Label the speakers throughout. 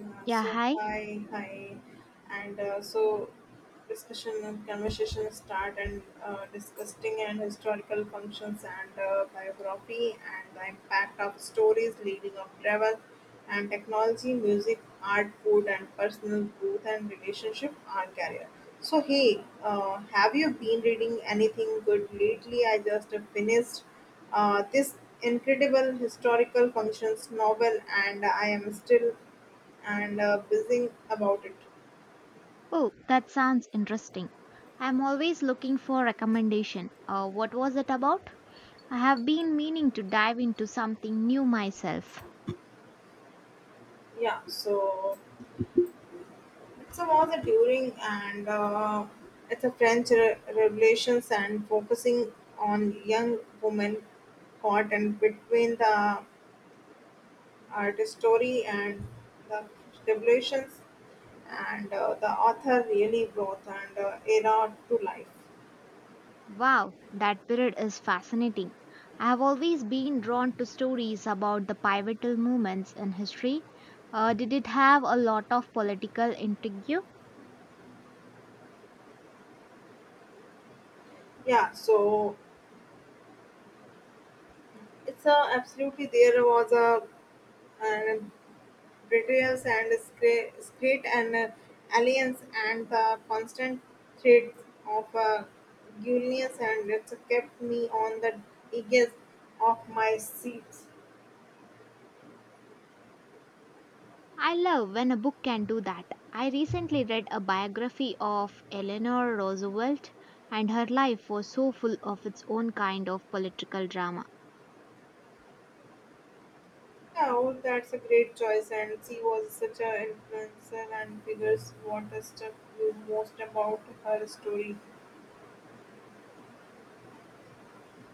Speaker 1: Yeah,
Speaker 2: Yeah,
Speaker 1: so
Speaker 2: hi.
Speaker 1: hi, hi, and so discussion and conversation start and discussing and historical functions and biography and the impact of stories leading of travel and technology, music, art, food, and personal growth and relationship or career. So hey, have you been reading anything good lately? I just finished this incredible historical functions novel and I am still and buzzing about it.
Speaker 2: Oh, that sounds interesting. I'm always looking for recommendation. What was it about? I have been meaning to dive into something new myself.
Speaker 1: Yeah. So it's a about the during and it's a French revolutions and focusing on young women caught and between the art story and the revolutions and the author really brought and era to life.
Speaker 2: Wow, that period is fascinating. I have always been drawn to stories about the pivotal moments in history. Did it have a lot of political intrigue?
Speaker 1: Yeah, so it's a absolutely there was a and betrayals and secret and alliance and the constant threats of Julius and it's kept me on the edges of my seats.
Speaker 2: I love when a book can do that. I recently read a biography of Eleanor Roosevelt, and her life was so full of its own kind of political drama.
Speaker 1: Oh, that's a great choice, and she was such an influencer and figures. What struck you most about her story?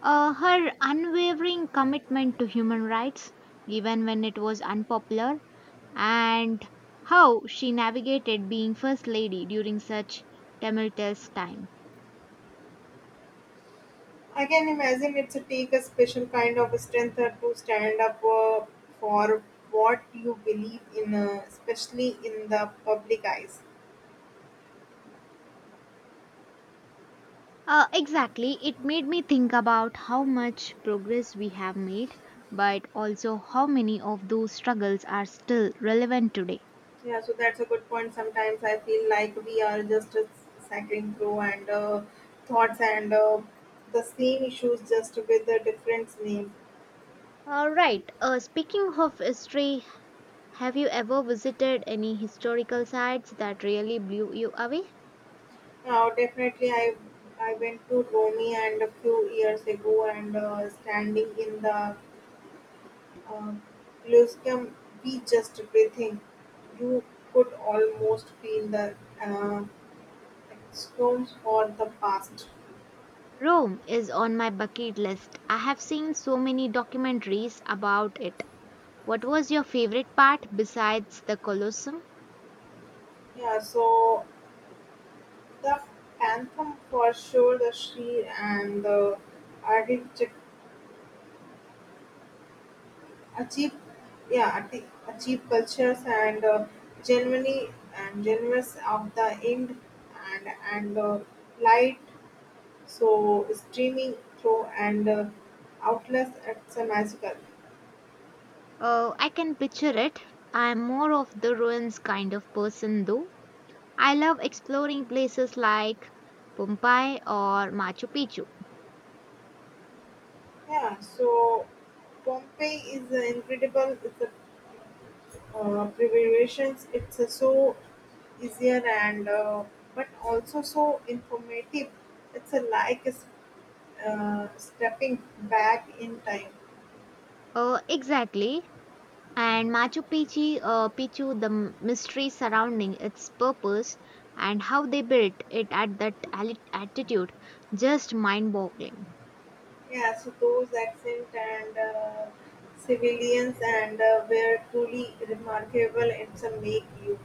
Speaker 2: Her unwavering commitment to human rights, even when it was unpopular, and how she navigated being First Lady during such tumultuous time.
Speaker 1: I can imagine it's a take a special kind of strength to stand up for what you believe in, especially in the public eyes.
Speaker 2: Exactly. It made me think about how much progress we have made, but also how many of those struggles are still relevant today.
Speaker 1: Yeah, so that's a good point. Sometimes I feel like we are just cycling through and thoughts and the same issues just with the different names.
Speaker 2: All right. Speaking of history, have you ever visited any historical sites that really blew you away?
Speaker 1: Now, definitely, I went to Romy and a few years ago and standing in the uh, Colosseum, we just breathing. You could almost feel the uh, stones for the past.
Speaker 2: Rome is on my bucket list. I have seen so many documentaries about it. What was your favorite part besides the Colosseum?
Speaker 1: Yeah, so the anthem for sure, the Shri and the Arctic achieve, yeah, Arctic achieve cultures and genuinely and generous of the end and and light so streaming through and outless it's a magical.
Speaker 2: Oh, I can picture it. I'm more of the ruins kind of person though. I love exploring places like Pompeii or Machu Picchu.
Speaker 1: Yeah, so Pompeii is incredible. It's a preparations. It's a so easier and but also so informative. It's a like stepping back in time.
Speaker 2: Exactly. And Machu Picchu, Picchu, the mystery surrounding its purpose and how they built it at that altitude, just mind-boggling.
Speaker 1: Yeah, so those accent and civilians and were truly remarkable. It's a make you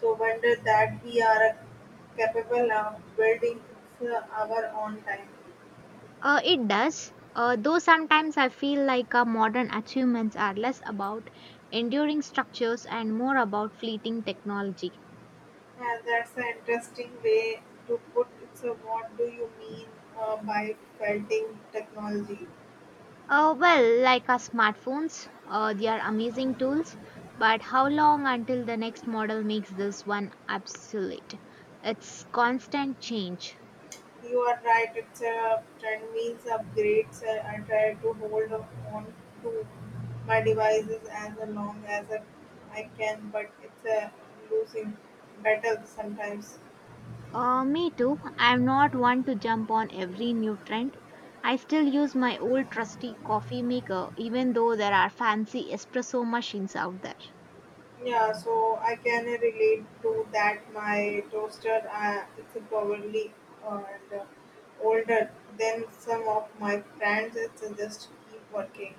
Speaker 1: so wonder that we are capable of building our own time.
Speaker 2: It does. Though sometimes I feel like our modern achievements are less about enduring structures and more about fleeting technology.
Speaker 1: Yeah, that's an interesting way to put it. So, what do you mean by felting technology?
Speaker 2: Well, like our smartphones, they are amazing tools, but how long until the next model makes this one obsolete? It's constant change.
Speaker 1: You are right. It's a trend means upgrades. I try to hold on to my devices as long as I can, but it's a losing battle sometimes.
Speaker 2: Me too. I'm not one to jump on every new trend. I still use my old trusty coffee maker, even though there are fancy espresso machines out there.
Speaker 1: Yeah, so I can relate to that. My toaster, it's probably uh, and, uh, older than some of my friends. It's just keep working.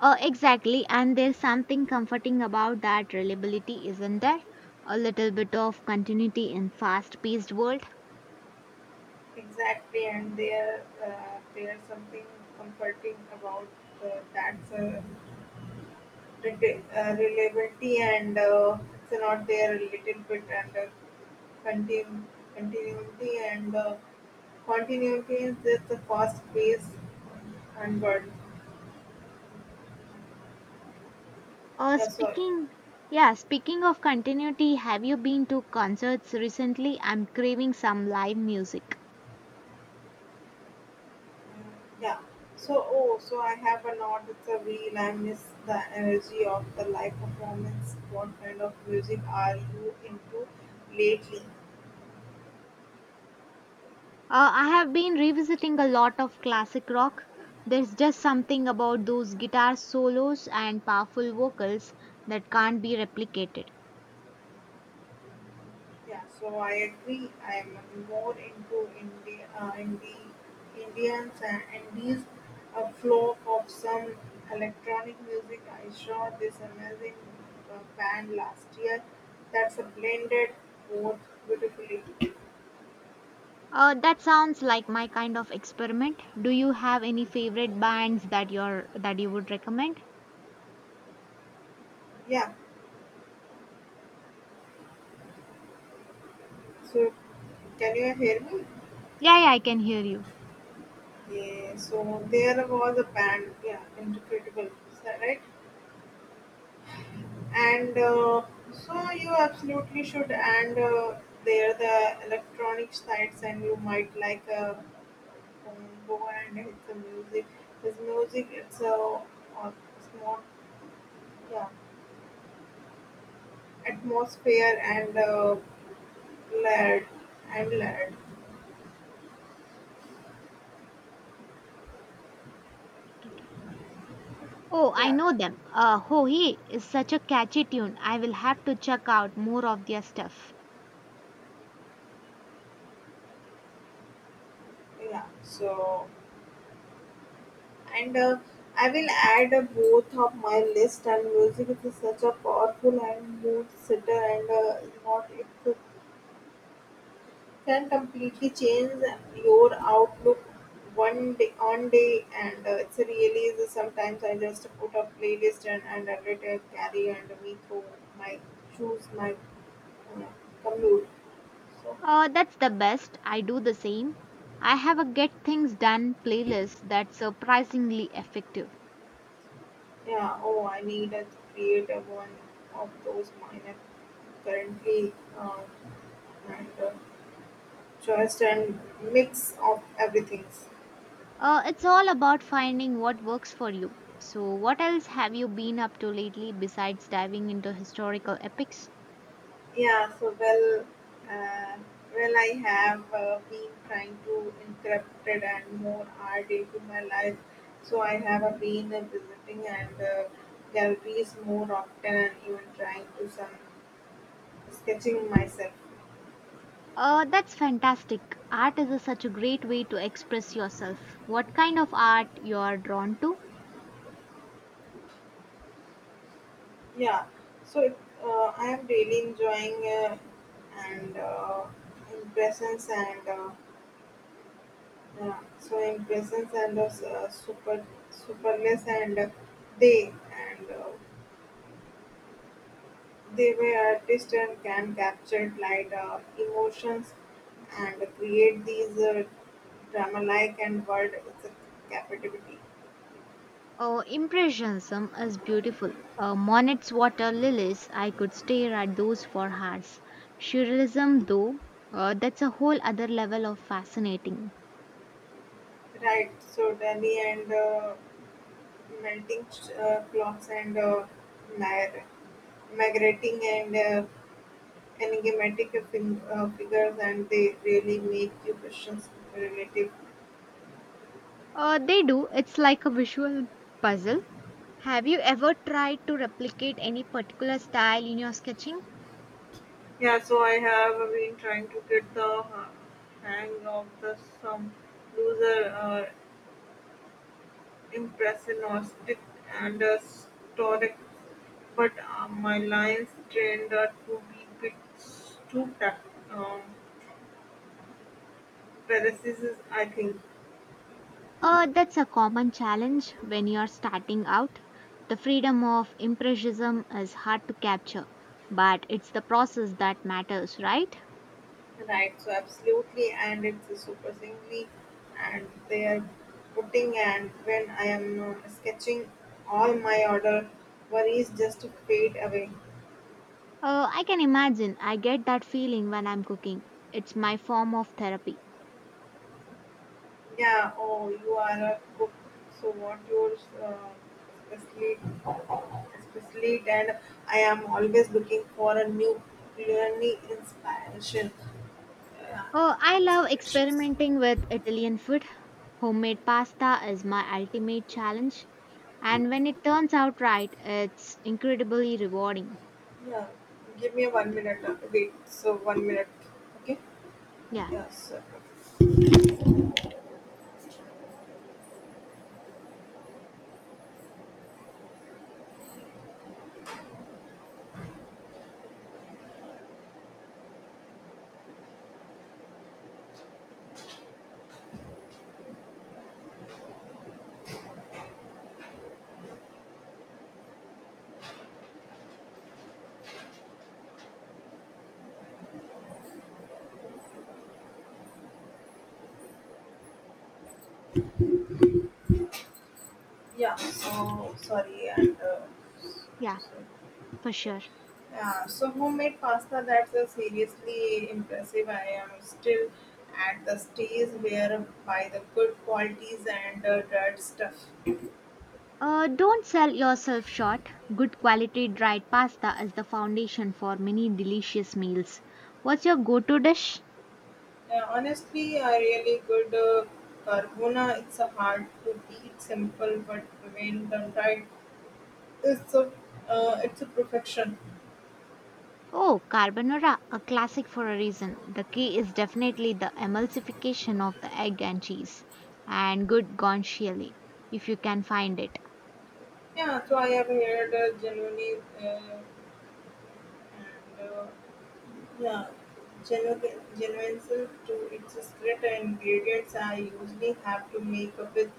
Speaker 2: Exactly, and there's something comforting about that reliability, isn't there? A little bit of continuity in fast-paced world.
Speaker 1: Exactly, and there, there's something comforting about that. Reliability and it's not there a little bit and continu- continuity and continuity is just the fast pace and word.
Speaker 2: Uh,
Speaker 1: Yeah, so
Speaker 2: speaking, yeah, speaking of continuity, have you been to concerts recently? I'm craving some live music.
Speaker 1: mm, yeah. So oh, so I have a note. It's a wheel. I miss the energy of the live performance. What kind of music are you into lately?
Speaker 2: I have been revisiting a lot of classic rock. There's just something about those guitar solos and powerful vocals that can't be replicated.
Speaker 1: Yeah, so I agree. I'm more into India, Indians and Indies. A flow of some electronic music. I saw this amazing band last year. That's a blended both beautifully.
Speaker 2: That sounds like my kind of experiment. Do you have any favorite bands that you would recommend?
Speaker 1: Yeah. So can you hear me?
Speaker 2: Yeah, yeah, I can hear you.
Speaker 1: Yeah. So there was a band. Yeah, incredible. Is that right? And so you absolutely should and there the electronic sites and you might like a combo and it's a music his music it's a uh, it's yeah atmosphere and led and led.
Speaker 2: Oh, I
Speaker 1: Yeah,
Speaker 2: know them. Ho He is such a catchy tune. I will have to check out more of their stuff.
Speaker 1: yeah, so and I will add both of my list and music is such a powerful and mood sitter, and is not it can completely change your outlook one day on day and it's really is. Sometimes I just put a playlist and let it carry and we go my choose my uh, commute.
Speaker 2: That's the best. I do the same. I have a get things done playlist that's surprisingly effective.
Speaker 1: Yeah, oh, I need to create a one of those minor currently and choice and mix of everything.
Speaker 2: It's all about finding what works for you. So, what else have you been up to lately besides diving into historical epics?
Speaker 1: Yeah, so well, uh, well, I have been trying to incorporate it and more art into my life. So I have been visiting and galleries more often, and even trying to some sketching myself.
Speaker 2: That's fantastic. Art is such a great way to express yourself. What kind of art you are drawn to?
Speaker 1: Yeah, so it, I am really enjoying and impressions and yeah, so impressions and super superless and they and. They were artists and can capture light, emotions, and create these drama-like and world it's a captivity.
Speaker 2: Oh, impressionism is beautiful. Monet's water lilies, I could stare at those for hours. Surrealism, though, that's a whole other level of fascinating.
Speaker 1: Right, so Delhi and melting clocks and mir- migrating and enigmatic figures and they really make you questions relative.
Speaker 2: They do, it's like a visual puzzle. Have you ever tried to replicate any particular style in your sketching?
Speaker 1: Yeah, so I have been trying to get the hang of the some loser impressionistic and stoic, but my lines trained to be bit too um, parasitic, I think.
Speaker 2: That's a common challenge when you're starting out. The freedom of impressionism is hard to capture, but it's the process that matters, right?
Speaker 1: Right, so absolutely, and it's a super singly, and they are putting, and when I am sketching, all my other worries just fade away.
Speaker 2: Oh, I can imagine. I get that feeling when I'm cooking. It's my form of therapy.
Speaker 1: Yeah, oh, you are a cook. So what yours? Are especially, especially and I am always looking for a new culinary inspiration. Yeah,
Speaker 2: Oh, I love
Speaker 1: inspirations.
Speaker 2: experimenting with Italian food. Homemade pasta is my ultimate challenge. And when it turns out right, it's incredibly rewarding.
Speaker 1: Yeah, give me 1 minute. Wait, so 1 minute. Okay.
Speaker 2: Yeah,
Speaker 1: Yes. Yeah. So sorry and
Speaker 2: yeah,
Speaker 1: so,
Speaker 2: for
Speaker 1: yeah.
Speaker 2: sure.
Speaker 1: Yeah, so homemade pasta that's a seriously impressive. I am still at the stage where by the good qualities and dirt stuff.
Speaker 2: Don't sell yourself short. Good quality dried pasta is the foundation for many delicious meals. What's your go to dish?
Speaker 1: Honestly, a really good carbona. It's a hard to beat, simple, but when done right, it's a it's a perfection.
Speaker 2: Oh, carbonara, a classic for a reason. The key is definitely the emulsification of the egg and cheese, and good guanciale if you can find it.
Speaker 1: Yeah, so I have heard genuinely uh, and yeah, genuineness to its secret ingredients. I usually have to make up with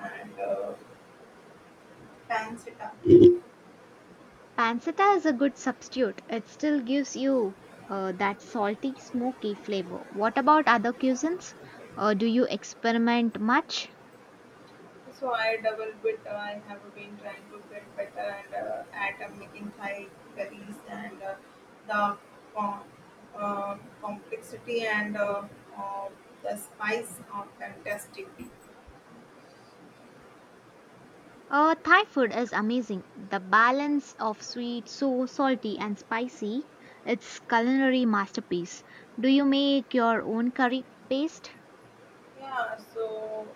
Speaker 1: and pancetta.
Speaker 2: Pancetta is a good substitute. It still gives you that salty, smoky flavor. What about other cuisines? Do you experiment much?
Speaker 1: So I double with I have been trying to get better and at making Thai curries and the com- complexity and uh, the spice are fantastic.
Speaker 2: Thai food is amazing. The balance of sweet, so salty, and spicy. It's culinary masterpiece. Do you make your own curry paste?
Speaker 1: Yeah, so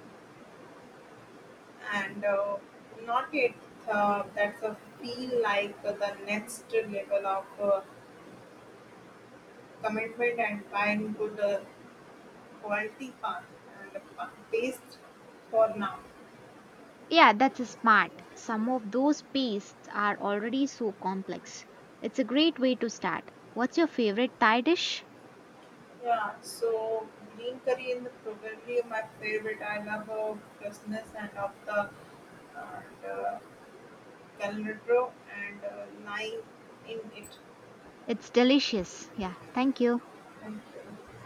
Speaker 1: and not yet that's a feel like the next level of commitment and buying good quality pan and paste for now.
Speaker 2: Yeah, that's smart. Some of those pastes are already so complex. It's a great way to start. What's your favorite Thai dish?
Speaker 1: Yeah, so green curry is probably my favorite. I love freshness and of the and Calnutro and lying in it.
Speaker 2: It's delicious. Yeah, thank you.
Speaker 1: Thank you.